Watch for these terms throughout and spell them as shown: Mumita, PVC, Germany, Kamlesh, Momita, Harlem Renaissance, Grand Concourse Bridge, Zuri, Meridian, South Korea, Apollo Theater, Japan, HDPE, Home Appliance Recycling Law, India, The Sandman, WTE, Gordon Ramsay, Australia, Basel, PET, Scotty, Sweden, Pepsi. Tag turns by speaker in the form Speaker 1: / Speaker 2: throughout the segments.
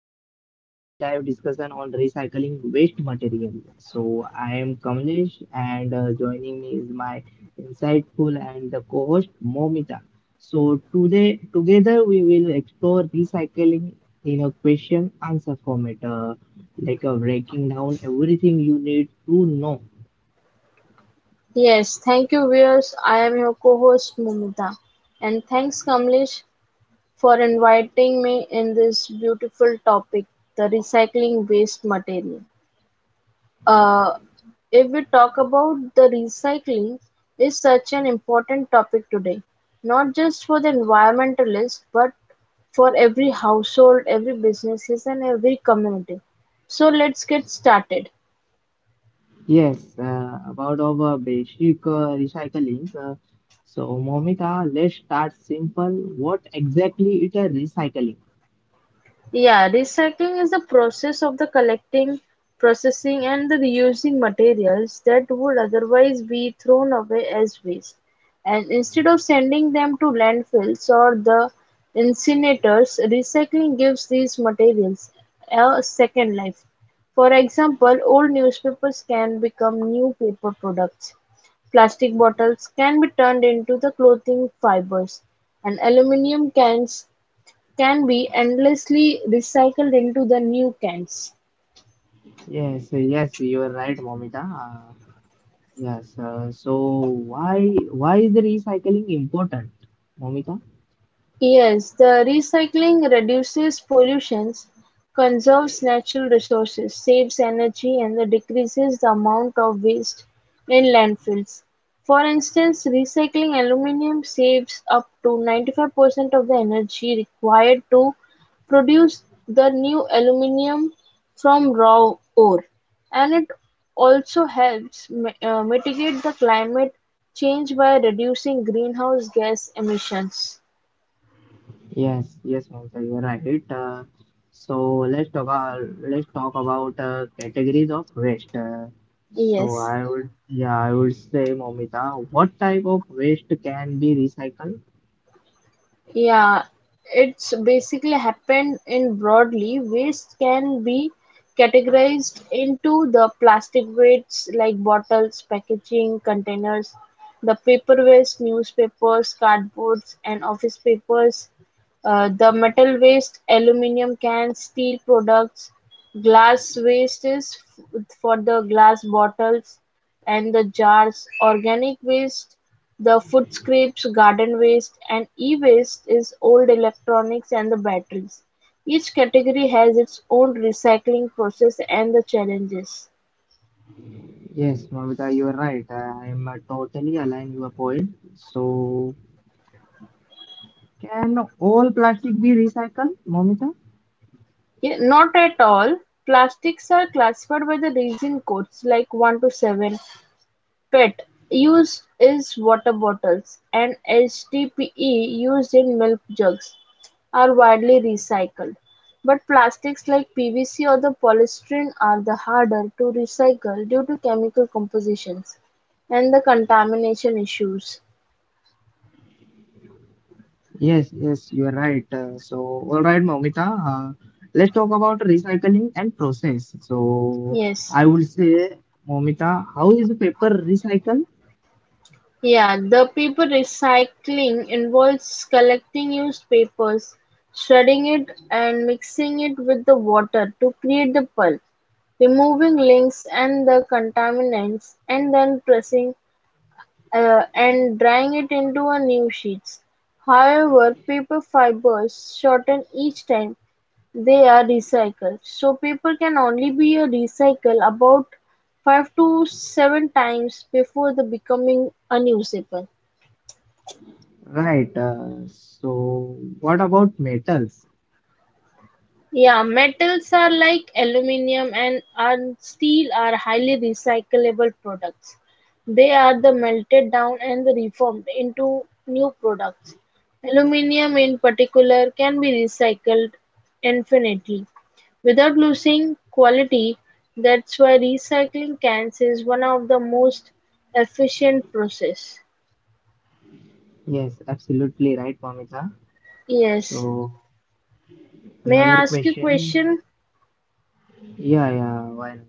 Speaker 1: Today's deep dive discussion on recycling waste material. So I am Kamlesh, and joining me is my insightful and the co-host Momita. So today, together we will explore recycling in a question-answer format, breaking down everything you need to know.
Speaker 2: Yes, thank you viewers. I am your co-host Mumita and thanks Kamlesh for inviting me in this beautiful topic, the recycling waste material. Uh, if we talk about the recycling is such an important topic today, not just for the environmentalists but for every household, every businesses and every community. So let's get started.
Speaker 1: Yes, about our basic recycling. So, Momita, let's start simple. What exactly it is recycling?
Speaker 2: Yeah, recycling is the process of the collecting, processing, and the reusing materials that would otherwise be thrown away as waste. And instead of sending them to landfills or the incinerators, recycling gives these materials a second life. For example, old newspapers can become new paper products. Plastic bottles can be turned into the clothing fibers, and aluminum cans can be endlessly recycled into the new cans.
Speaker 1: Yes, yes, you are right, Momita. Yes. So, why is the recycling important, Momita?
Speaker 2: Yes, the recycling reduces pollution, conserves natural resources, saves energy and decreases the amount of waste in landfills. For instance, recycling aluminum saves up to 95% of the energy required to produce the new aluminum from raw ore, and it also helps mitigate the climate change by reducing greenhouse gas emissions.
Speaker 1: Yes, yes, Momita, you are right. So, let's talk about categories of waste. So
Speaker 2: Yes,
Speaker 1: I would say, Momita, what type of waste can be recycled?
Speaker 2: yeah, it's basically happened in broadly. Waste can be categorized into the plastic wastes like bottles, packaging, containers, the paper waste, newspapers, cardboards, and office papers, the metal waste, aluminum cans, steel products, glass waste is for the glass bottles and the jars, organic waste. The food scraps, garden waste, and e-waste is old electronics and the batteries. Each category has its own recycling process and the challenges.
Speaker 1: Yes, Mamita, you are right. I am totally aligned your point. So, can all plastic be recycled, Mamita?
Speaker 2: Yeah, not at all. Plastics are classified by the resin codes like 1 to 7. PET use is water bottles, and HDPE used in milk jugs are widely recycled, but plastics like PVC or the polystyrene are the harder to recycle due to chemical compositions and the contamination issues.
Speaker 1: Yes, yes, you are right. So, all right, Mamita. Let's talk about recycling and process. So,
Speaker 2: Yes.
Speaker 1: I would say, Mamita, how is paper recycled?
Speaker 2: Yeah, the paper recycling involves collecting used papers, shredding it and mixing it with the water to create the pulp, removing links and the contaminants, and then pressing and drying it into a new sheets. However, paper fibers shorten each time they are recycled. So paper can only be a recycle about 5 to 7 times before the becoming unusable.
Speaker 1: Right. So, what about metals?
Speaker 2: Yeah, metals are like aluminum and steel are highly recyclable products. They are the melted down and the reformed into new products. Aluminum in particular can be recycled infinitely without losing quality. That's why recycling cans is one of the most efficient process.
Speaker 1: Yes, absolutely right, Mamita.
Speaker 2: Yes.
Speaker 1: So,
Speaker 2: May
Speaker 1: another
Speaker 2: I ask you a
Speaker 1: question.
Speaker 2: question?
Speaker 1: Yeah, yeah, why not?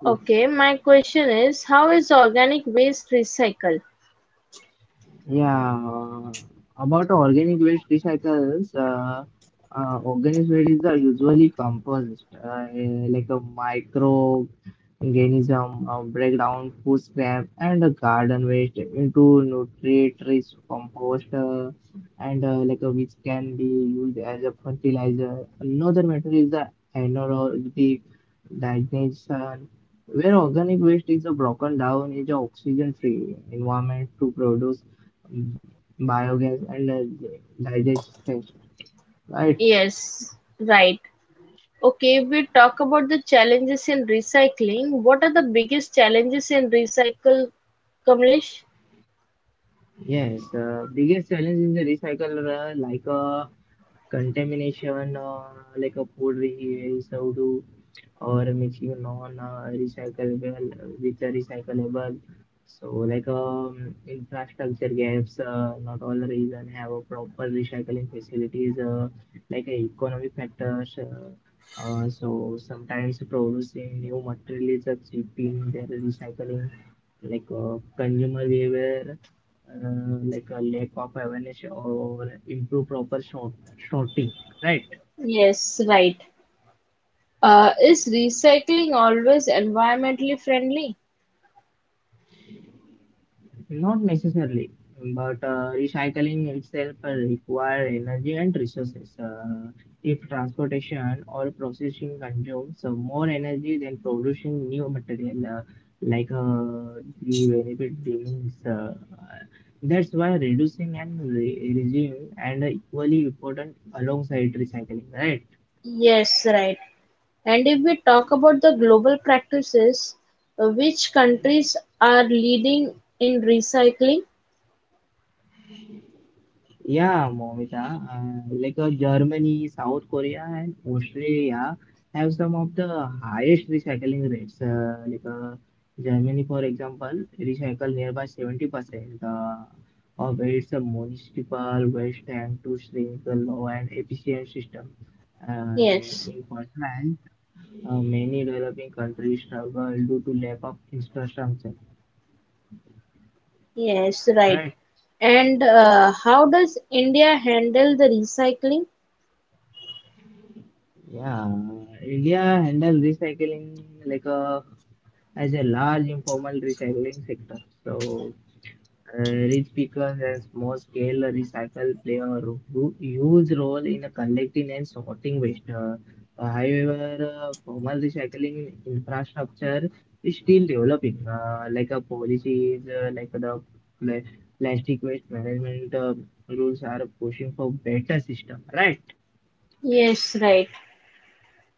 Speaker 1: Please.
Speaker 2: Okay, my question is how is organic waste recycled?
Speaker 1: Yeah, uh, about organic waste recycles, organisms are usually composed like a microorganism, breakdown food scrap and a garden waste into nutrient-rich compost, and like a, which can be used as a fertilizer. Another method is the anaerobic digestion, where organic waste is broken down in into oxygen-free environment to produce mm, biogas and digestion. Right.
Speaker 2: Yes, right. Okay, if we talk about the challenges in recycling, what are the biggest challenges in recycle, Kamlesh?
Speaker 1: Yes, the biggest challenge is the recycle, contamination, like a food reuse, how to or making non-recyclable which are recyclable. So infrastructure gaps, not all region have a proper recycling facilities, economic factors. So sometimes producing new material is a cheapening their recycling, consumer behavior, like a lack of awareness or improve proper sorting, right?
Speaker 2: Yes, right. Is recycling always environmentally friendly?
Speaker 1: Not necessarily, but recycling itself require energy and resources. If transportation or processing consumes more energy than producing new material, the benefit remains. That's why reducing and reducing and equally important alongside recycling, right?
Speaker 2: Yes, right. And if we talk about the global practices, which countries are leading in recycling?
Speaker 1: Yeah, Momita, Germany, South Korea, and Australia have some of the highest recycling rates. Germany, for example, recycle nearby 70% of its municipal waste and to shrink the low and efficient system.
Speaker 2: Yes,
Speaker 1: In contrast, many developing countries struggle due to lack of infrastructure.
Speaker 2: yes, right.
Speaker 1: Right.
Speaker 2: And how does India handle the recycling?
Speaker 1: Yeah, India handle recycling like a as a large informal recycling sector. Rich pickers and small scale recycle play a huge role in collecting and sorting waste. However, formal recycling infrastructure is still developing, like a policies, like the pla- plastic waste management rules are pushing for better system, right?
Speaker 2: Yes, right.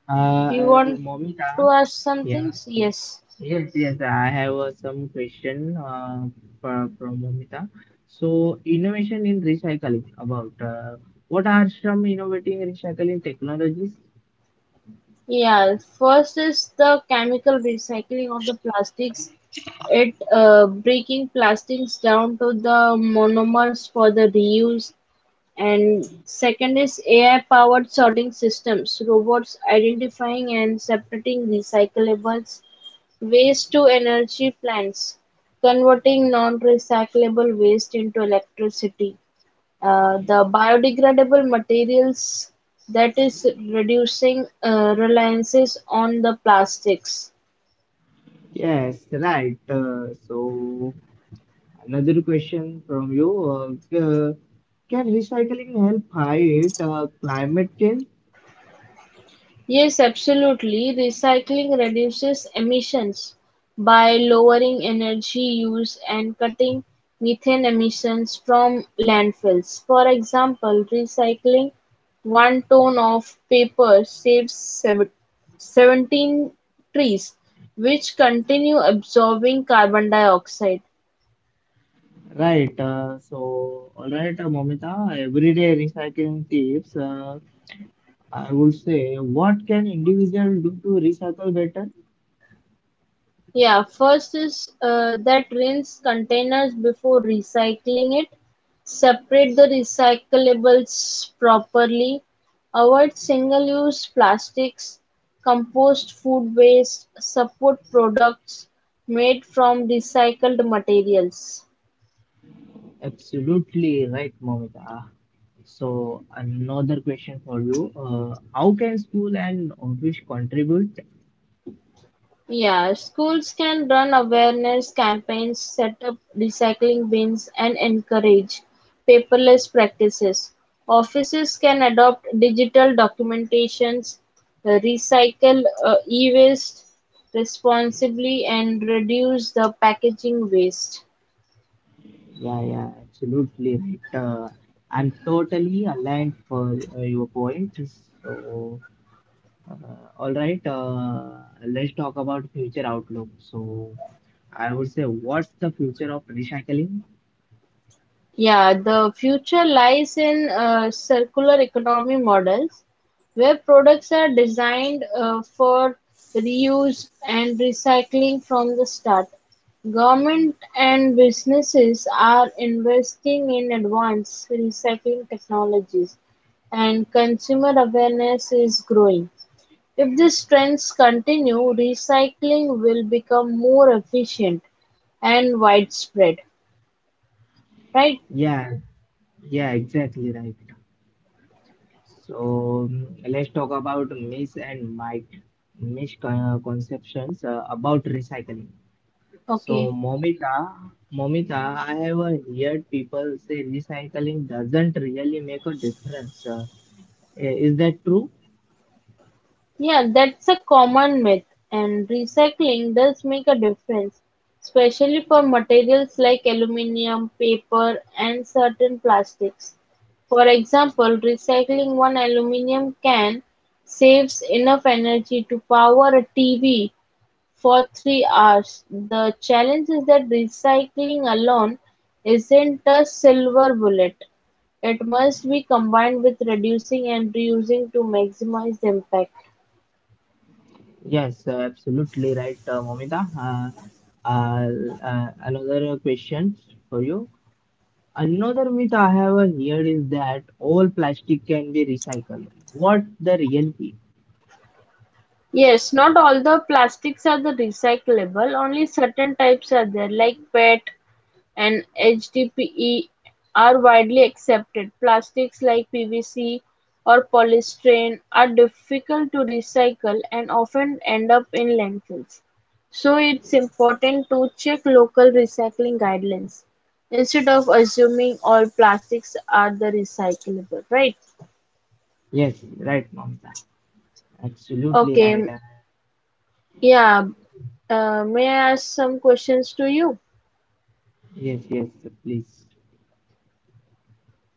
Speaker 2: You want
Speaker 1: Momita,
Speaker 2: to ask some
Speaker 1: yeah.
Speaker 2: things? Yes.
Speaker 1: Yes, yes, I have some question from Momita. So, innovation in recycling about what are some innovating recycling technologies?
Speaker 2: Yeah. First is the chemical recycling of the plastics. It breaking plastics down to the monomers for the reuse. And second is AI powered sorting systems, robots identifying and separating recyclables, waste to energy plants, converting non recyclable waste into electricity. The biodegradable materials that is reducing reliances on the plastics.
Speaker 1: Yes, right. Another question from you. Can recycling help fight climate change?
Speaker 2: Yes, absolutely. Recycling reduces emissions by lowering energy use and cutting methane emissions from landfills. For example, recycling one ton of paper saves 17 trees, which continue absorbing carbon dioxide.
Speaker 1: Right. All right, Momita. Everyday recycling tips. I would say, what can individual do to recycle better?
Speaker 2: Yeah, first is that rinse containers before recycling it. Separate the recyclables properly. Avoid single use plastics. Compost food waste. Support products made from recycled materials.
Speaker 1: Absolutely right, Momita. So, another question for you. How can school and office contribute?
Speaker 2: Yeah, schools can run awareness campaigns, set up recycling bins, and encourage paperless practices. Offices can adopt digital documentations, recycle e waste responsibly, and reduce the packaging waste.
Speaker 1: Yeah, yeah, absolutely right. I'm totally aligned for your point. So, uh, all right, let's talk about future outlook. So, I would say, what's the future of recycling?
Speaker 2: Yeah, the future lies in circular economy models where products are designed for reuse and recycling from the start. Government and businesses are investing in advanced recycling technologies and consumer awareness is growing. If these trends continue, recycling will become more efficient and widespread, right?
Speaker 1: Yeah, yeah, exactly right. So let's talk about myths and my misconceptions about recycling. So
Speaker 2: Okay.
Speaker 1: Momita, I have heard people say recycling doesn't really make a difference. Is that true?
Speaker 2: Yeah, that's a common myth, and recycling does make a difference, especially for materials like aluminium, paper, and certain plastics. For example, recycling one aluminium can saves enough energy to power a TV for 3 hours. The challenge is that recycling alone isn't a silver bullet. It must be combined with reducing and reusing to maximize the impact.
Speaker 1: Yes, absolutely right, Momita. Uh, Another question for you. Another myth I have heard is that all plastic can be recycled. What the reality?
Speaker 2: Yes, not all the plastics are the recyclable, only certain types are there like PET and HDPE are widely accepted. Plastics like PVC or polystyrene are difficult to recycle and often end up in landfills. So it's important to check local recycling guidelines instead of assuming all plastics are the recyclable, right?
Speaker 1: Yes, right, Momita. Absolutely right.
Speaker 2: Okay, yeah, may I ask some questions to you?
Speaker 1: Yes, yes, please.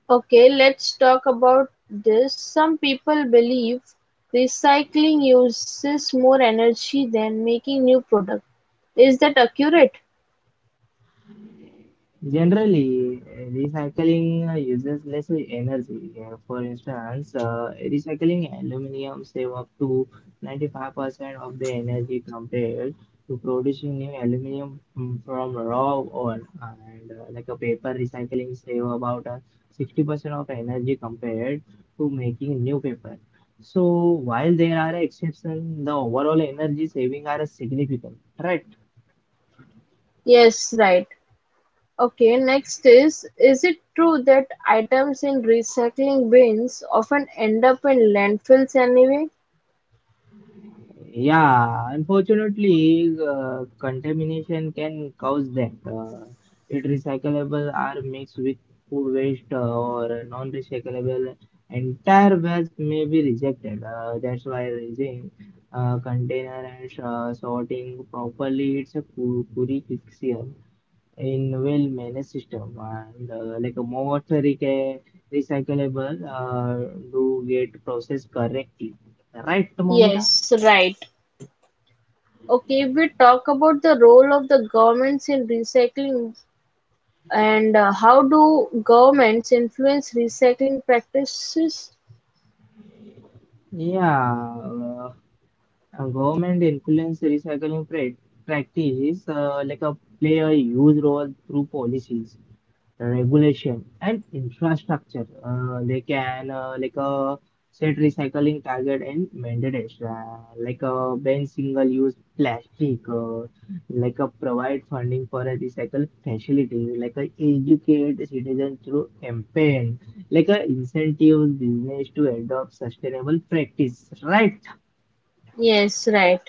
Speaker 2: Okay, let's talk about this. Some people believe recycling uses more energy than making new product. Is that accurate?
Speaker 1: Generally, recycling uses less energy. For instance, recycling aluminum save up to 95% of the energy compared to producing new aluminum from raw ore. And like a paper recycling save about 60% of energy compared to making new paper. So while there are exceptions, the overall energy saving are significant, right?
Speaker 2: Yes, right. Okay, next is it true that items in recycling bins often end up in landfills anyway?
Speaker 1: Yeah, unfortunately, contamination can cause that. It recyclable are mixed with food waste or non-recyclable. Entire waste may be rejected. That's why raising container and sorting properly it's a curriculum in well-managed system. And like a more recyclable do get processed correctly. Right, Momita?
Speaker 2: Yes, right. Okay, we talk about the role of the governments in recycling and how do governments influence recycling practices?
Speaker 1: Yeah, uh, Government influence recycling practice like a play a huge role through policies, regulation and infrastructure. They can set recycling target and mandates ban single-use plastic, provide funding for a recycle facility, educate citizens through campaign, incentives business to adopt sustainable practice. Right?
Speaker 2: Yes, right.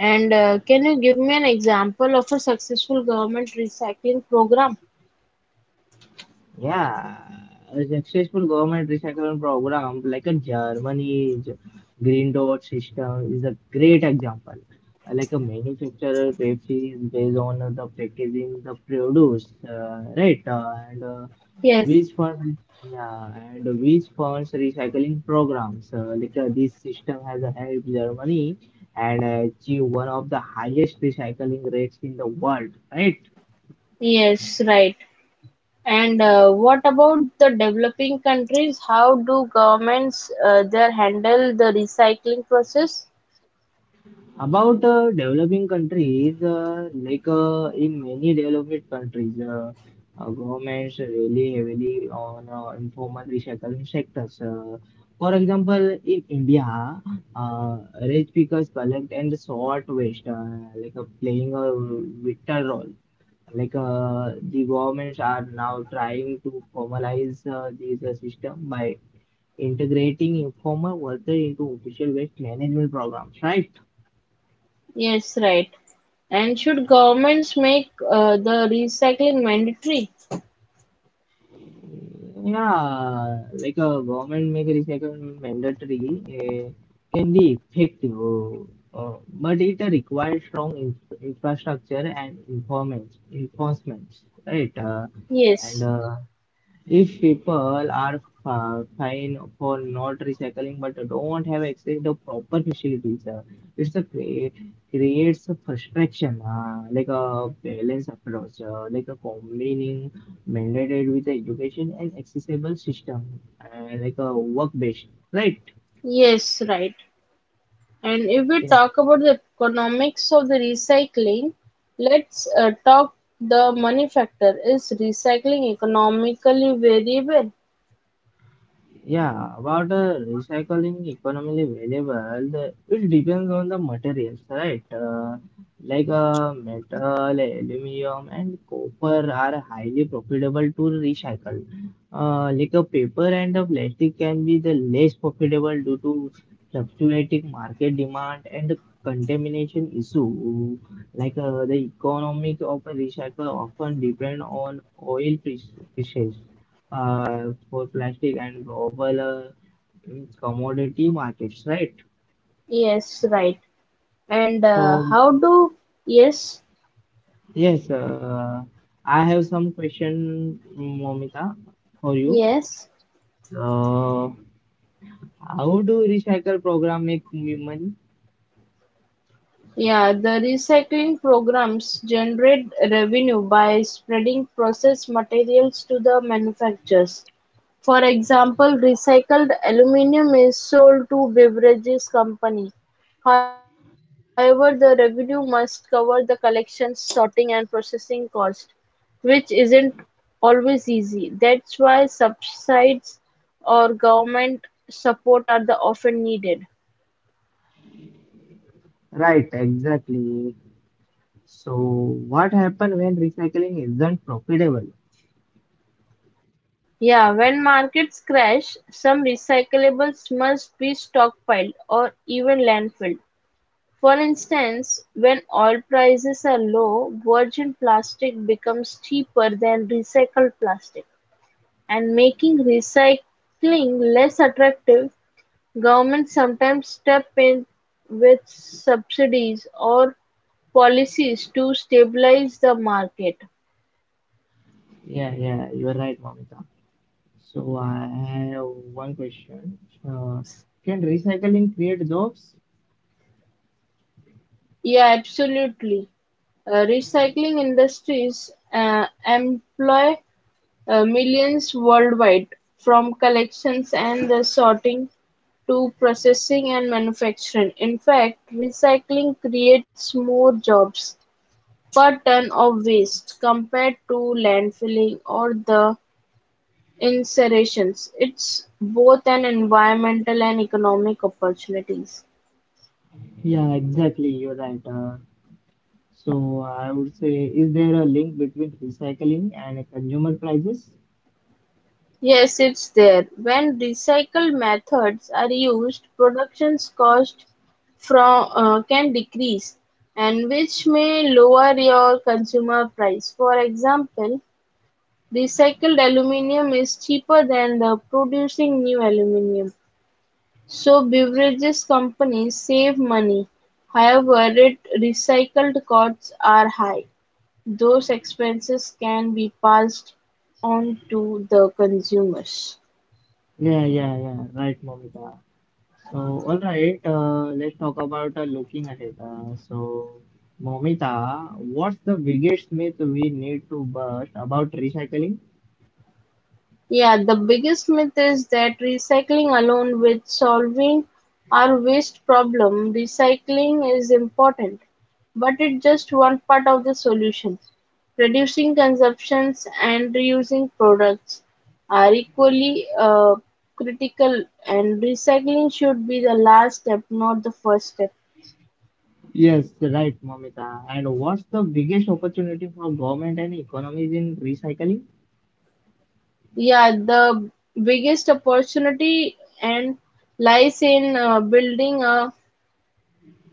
Speaker 2: And can you give me an example of a successful government recycling program?
Speaker 1: Yeah, the successful government recycling program, like a Germany's green dot system, is a great example. Like a manufacturer Pepsi is based on the packaging, the produce, right?
Speaker 2: Yes,
Speaker 1: Yeah, and which funds recycling programs. This system has helped Germany and achieve one of the highest recycling rates in the world, right?
Speaker 2: yes, right. And what about the developing countries? How do governments there handle the recycling process?
Speaker 1: About developing countries, in many developed countries, governments really heavily on informal recycling sectors. For example, in India, rich pickers collect and sort waste, playing a vital role. The governments are now trying to formalize this system by integrating informal workers into official waste management programs, right?
Speaker 2: Yes, right. And should governments make the recycling mandatory?
Speaker 1: Yeah, like a government make recycling mandatory can be effective, but it requires strong in infrastructure and informants, enforcement, right?
Speaker 2: Yes,
Speaker 1: And If people are fine for not recycling but don't have access to proper facilities, it's a creates a frustration, like a balance approach, like a combining mandated with education and accessible system, like a work based, right?
Speaker 2: yes, right. And if we talk about the economics of the recycling, let's talk the money factor. Is recycling economically variable?
Speaker 1: Yeah, about the recycling economically valuable, it depends on the materials, right? Metal, aluminum, and copper are highly profitable to recycle. Like a paper and a plastic can be the less profitable due to fluctuating market demand and contamination issue. The economics of a recycle often depend on oil prices for plastic and global commodity markets, right?
Speaker 2: Yes, right. And
Speaker 1: So
Speaker 2: yes,
Speaker 1: yes, I have some question, Momita, for you.
Speaker 2: yes.
Speaker 1: Uh, how do recycle program make money?
Speaker 2: Yeah, the recycling programs generate revenue by spreading processed materials to the manufacturers. For example, recycled aluminum is sold to beverages company. However, the revenue must cover the collection, sorting and processing cost, which isn't always easy. That's why subsidies or government support are the often needed.
Speaker 1: Right, exactly. So what happen when recycling isn't profitable?
Speaker 2: Yeah, when markets crash, some recyclables must be stockpiled or even landfilled. For instance, when oil prices are low, virgin plastic becomes cheaper than recycled plastic. And making recycling less attractive, governments sometimes step in with subsidies or policies to stabilize the market.
Speaker 1: Yeah, yeah, you are right, Momita. So I have one question. Uh, can recycling create jobs?
Speaker 2: Yeah, absolutely. Recycling industries employ millions worldwide, from collections and the sorting to processing and manufacturing. In fact, recycling creates more jobs per ton of waste compared to landfilling or the incinerations. It's both an environmental and economic opportunities.
Speaker 1: Yeah, exactly. You're right. So I would say, is there a link between recycling and consumer prices?
Speaker 2: Yes, it's there. When recycled methods are used, productions cost from can decrease, and which may lower your consumer price. For example, recycled aluminium is cheaper than the producing new aluminium, so beverages companies save money. However, it recycled costs are high. Those expenses can be passed on to the consumers.
Speaker 1: Yeah, right, Momita. So, all right, let's talk about looking ahead. So, Momita, what's the biggest myth we need to bust about recycling?
Speaker 2: Yeah, the biggest myth is that recycling alone will solving our waste problem. Recycling is important, but it's just one part of the solution. Reducing consumptions and reusing products are equally critical, and recycling should be the last step, not the first step.
Speaker 1: Yes, right, Momita. And what's the biggest opportunity for government and economies in recycling?
Speaker 2: Yeah, the biggest opportunity and lies in building a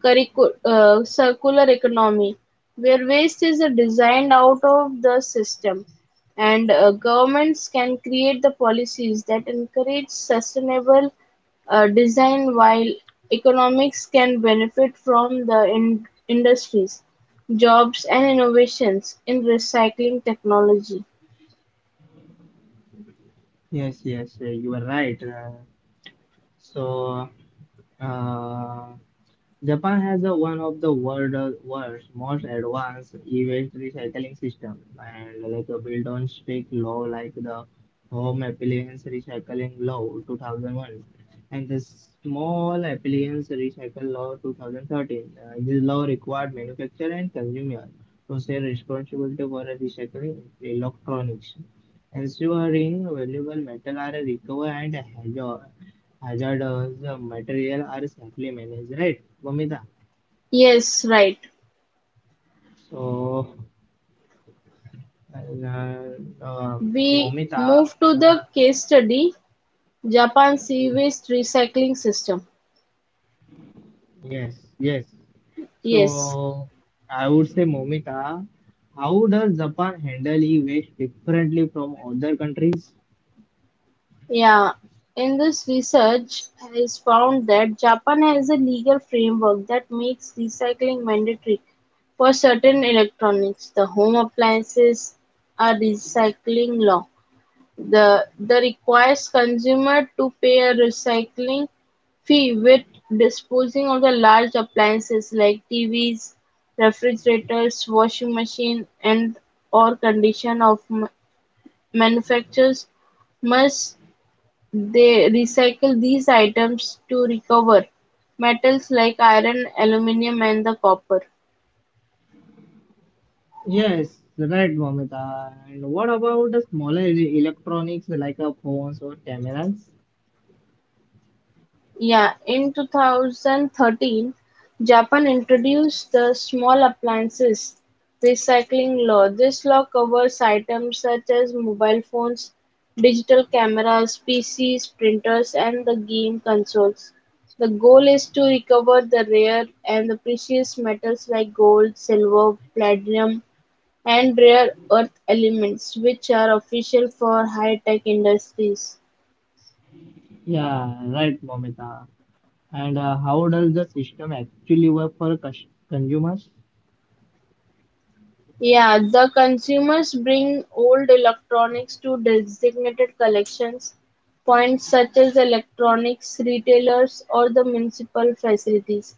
Speaker 2: circular economy, where waste is designed out of the system, and governments can create the policies that encourage sustainable design while economics can benefit from the industries, jobs, and innovations in recycling technology.
Speaker 1: Yes, yes, you are right. So, uh, Japan has a, one of the world's most advanced e-waste recycling system and like a built on strict law like the Home Appliance Recycling Law 2001 and the Small Appliance Recycle Law 2013. This law required manufacturer and consumer to share responsibility for recycling electronics, ensuring valuable metal are recovered and hazardous material are safely managed, right, Momita?
Speaker 2: Yes, right.
Speaker 1: So, uh, uh,
Speaker 2: We
Speaker 1: Momita,
Speaker 2: move to
Speaker 1: yeah,
Speaker 2: the case study Japan sea waste recycling system.
Speaker 1: yes, yes.
Speaker 2: Yes.
Speaker 1: So, I would say, Momita, how does Japan handle e-waste differently from other countries?
Speaker 2: Yeah, in this research is found that Japan has a legal framework that makes recycling mandatory for certain electronics. The home appliances are recycling law. The requires consumer to pay a recycling fee with disposing of the large appliances like TVs, refrigerators, washing machine, and or condition of manufacturers must they recycle these items to recover metals like iron, aluminum, and the copper.
Speaker 1: Yes, right, Momita. And what about the smaller electronics like phones or cameras?
Speaker 2: Yeah, in 2013, Japan introduced the Small Appliances Recycling Law. This law covers items such as mobile phones, digital cameras, PCs, printers, and the game consoles. The goal is to recover the rare and the precious metals like gold, silver, platinum, and rare earth elements, which are official for high-tech industries.
Speaker 1: Yeah, right, Momita. And how does the system actually work for consumers?
Speaker 2: Yeah, the consumers bring old electronics to designated collections points such as electronics retailers or the municipal facilities.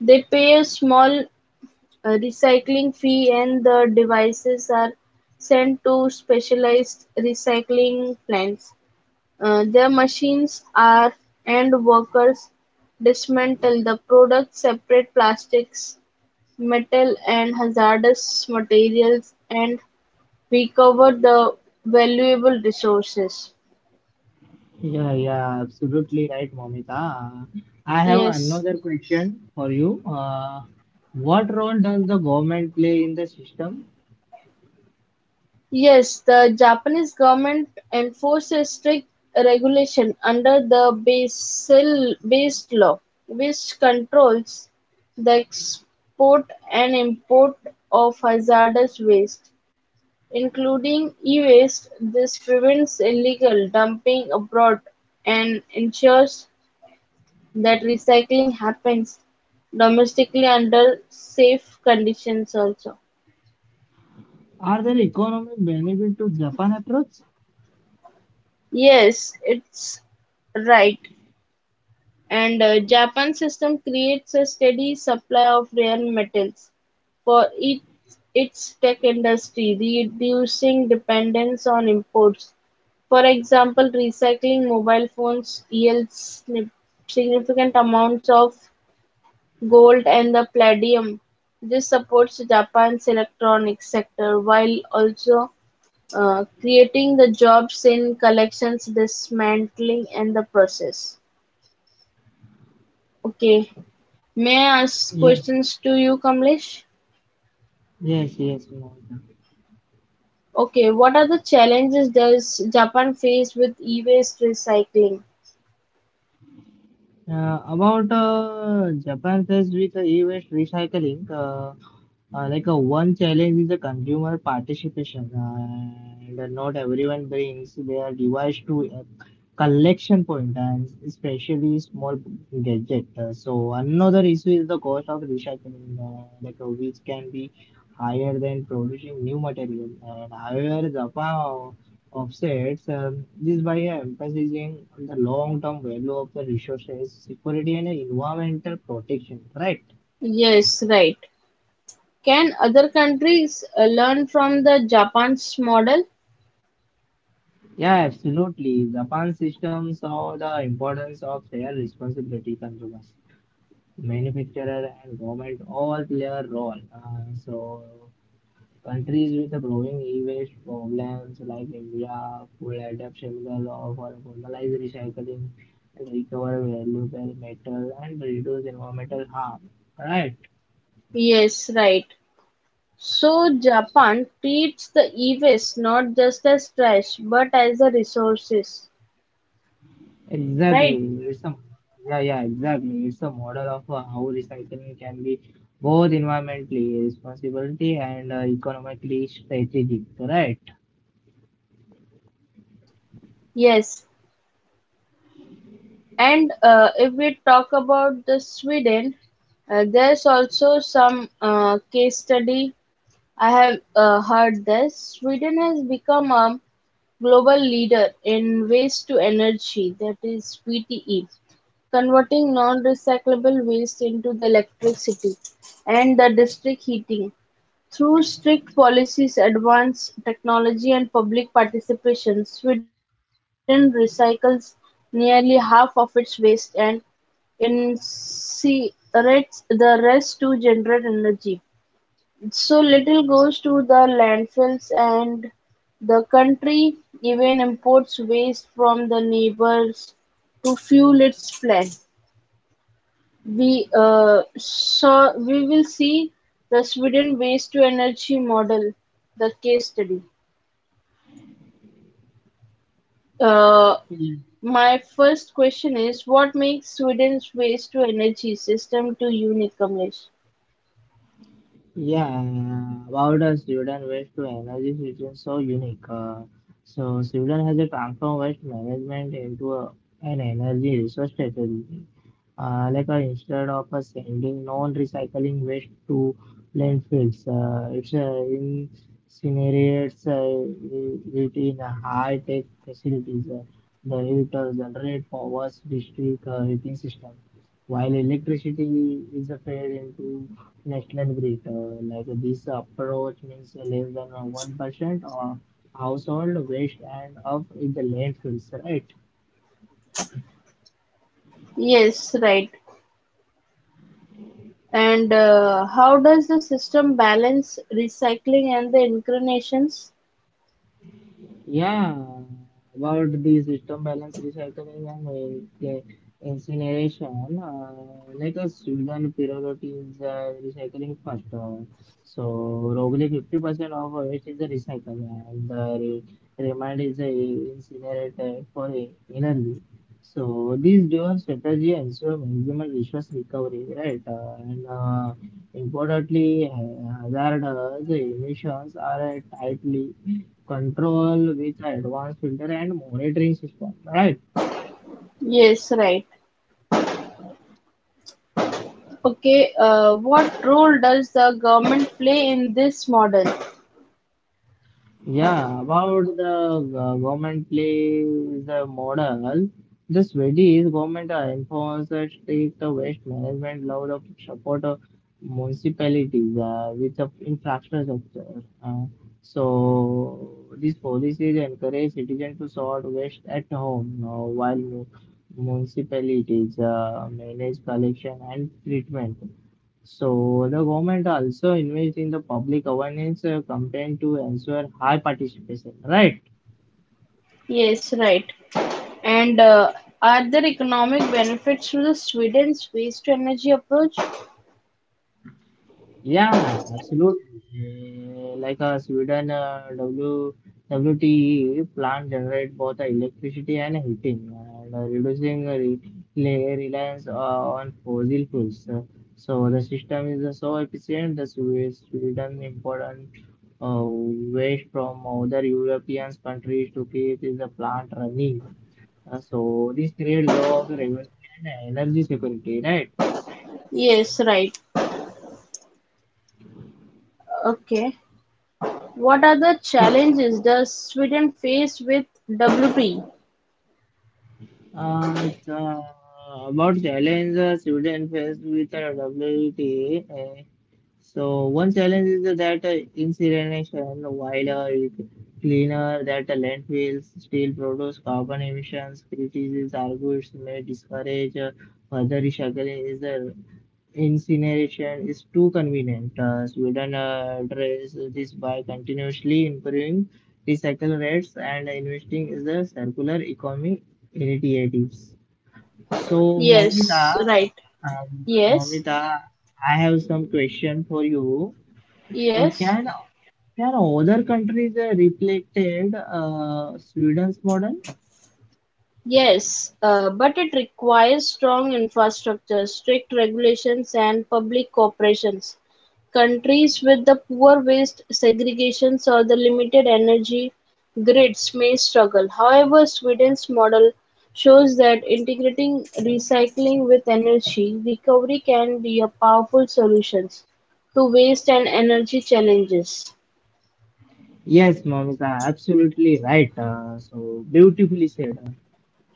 Speaker 2: They pay a small recycling fee and the devices are sent to specialized recycling plants. Their machines are and workers dismantle the product, separate plastics, metal and hazardous materials and recover the valuable resources.
Speaker 1: Yeah, yeah, absolutely right, Momita. I have
Speaker 2: Yes.
Speaker 1: another question for you. What role does the government play in the system?
Speaker 2: Yes, the Japanese government enforces strict regulation under the Basel based law, which controls the export and import of hazardous waste. Including e-waste, this prevents illegal dumping abroad and ensures that recycling happens domestically under safe conditions also.
Speaker 1: Are there economic benefit to Japan approach?
Speaker 2: Yes, it's right. And Japan's system creates a steady supply of rare metals for its tech industry, reducing dependence on imports. For example, recycling mobile phones yields significant amounts of gold and the palladium. This supports Japan's electronics sector while also creating the jobs in collections, dismantling, and the process. Okay. May I ask
Speaker 1: Yeah,
Speaker 2: questions to you, Kamlesh?
Speaker 1: Yes, yes, Momita.
Speaker 2: Okay, what are the challenges does Japan face with e-waste recycling?
Speaker 1: About Japan faced with e-waste recycling, one challenge is the consumer participation, and not everyone brings their device to a collection point, and especially small gadget. So another issue is the cost of recycling, which can be higher than producing new material. And however, Japan offsets this by emphasizing on the long-term value of the resources, security, and environmental protection. Right?
Speaker 2: Yes, right. Can other countries learn from the Japan's model?
Speaker 1: Yeah, absolutely. Japan system saw the importance of their responsibility consumers, manufacturer, and government all play a role. So countries with a growing e-waste problems like India could adapt similar law for formalized recycling and recover valuable metal and reduce environmental harm. Right.
Speaker 2: Yes, right. So Japan treats the e-waste not just as trash but as a resources, right?
Speaker 1: Exactly. It's a yeah, yeah, exactly. It's a model of how recycling can be both environmentally responsibility and economically strategic, correct?
Speaker 2: Yes. And if we talk about the Sweden, there's also some case study I have heard this. Sweden has become a global leader in waste to energy, that is WTE, converting non-recyclable waste into the electricity and the district heating. Through strict policies, advanced technology, and public participation, Sweden recycles nearly half of its waste and incinerates the rest to generate energy. So little goes to the landfills and the country even imports waste from the neighbors to fuel its plan. We will see the Sweden waste to energy model, the case study. Uh,
Speaker 1: Yeah.
Speaker 2: my first question is what makes Sweden's waste to energy system to unique, Kamlesh?
Speaker 1: Yeah, about Sweden waste to energy situation so unique. So Sweden has a transformed waste management into an energy resource strategy. Instead of sending non-recycling waste to landfills, it's incinerates it in high-tech facilities. The heat generate powers district heating system, while electricity is fed into national grid. Like this approach means less than 1% of household waste and of the landfills, right?
Speaker 2: Yes, right. And how does the system balance recycling and the incarnations?
Speaker 1: Yeah, about the system balance recycling and incineration, like a Sweden priority is recycling first. So, roughly 50% of waste is recycled and the remand is incinerated for energy. So, this dual strategy ensure maximum resource recovery, right? And Importantly, hazardous emissions are tightly control with advanced filter and monitoring system, right?
Speaker 2: Yes, right. Okay, what role does the government play in this model?
Speaker 1: Yeah, about the government plays the model, the Swedish government enforces a strict waste management law of support of municipalities with the infrastructure. So these policies encourage citizens to sort waste at home while municipalities manage collection and treatment. So the government also invest in the public awareness campaign to ensure high participation, right?
Speaker 2: Yes, right. And are there economic benefits to the Sweden's waste to energy approach?
Speaker 1: Yeah, absolutely. Sweden W WTE plant generate both the electricity and heating, and reducing reliance on fossil fuels. So the system is so efficient that Sweden important uh, waste from other European countries to keep the plant running. So this creates of regulation and energy security, right?
Speaker 2: Yes, right. Okay. What are the
Speaker 1: So,
Speaker 2: challenges does Sweden face with WP?
Speaker 1: Uh, the, about challenges Sweden faced with the WTA. So one challenge is that incineration, while it cleaner that landfills still produce carbon emissions. Critics argues may discourage further recycling. Is the Incineration is too convenient. Sweden addresses this by continuously improving recycle rates and investing in the circular economy initiatives. So,
Speaker 2: Yes,
Speaker 1: Momita,
Speaker 2: right. Yes,
Speaker 1: Momita, I have some question for you. Uh,
Speaker 2: yes.
Speaker 1: can can other countries reflected Sweden's model?
Speaker 2: Yes, but it requires strong infrastructure, strict regulations, and public corporations. Countries with the poor waste segregations or the limited energy grids may struggle. However, Sweden's model shows that integrating recycling with energy recovery can be a powerful solution to waste and energy challenges.
Speaker 1: Yes, Momita, absolutely right. So beautifully said.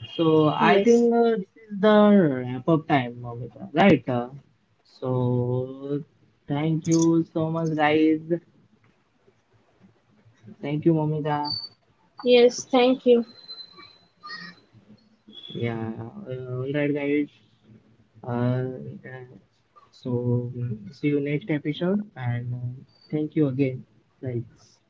Speaker 1: So I
Speaker 2: Yes,
Speaker 1: think this is the wrap up time, Momita, right? So Thank you so much, guys. Thank you, Momita.
Speaker 2: yes, thank you.
Speaker 1: Yeah, all right, guys. Uh, uh, so See you next episode, and thank you again, guys.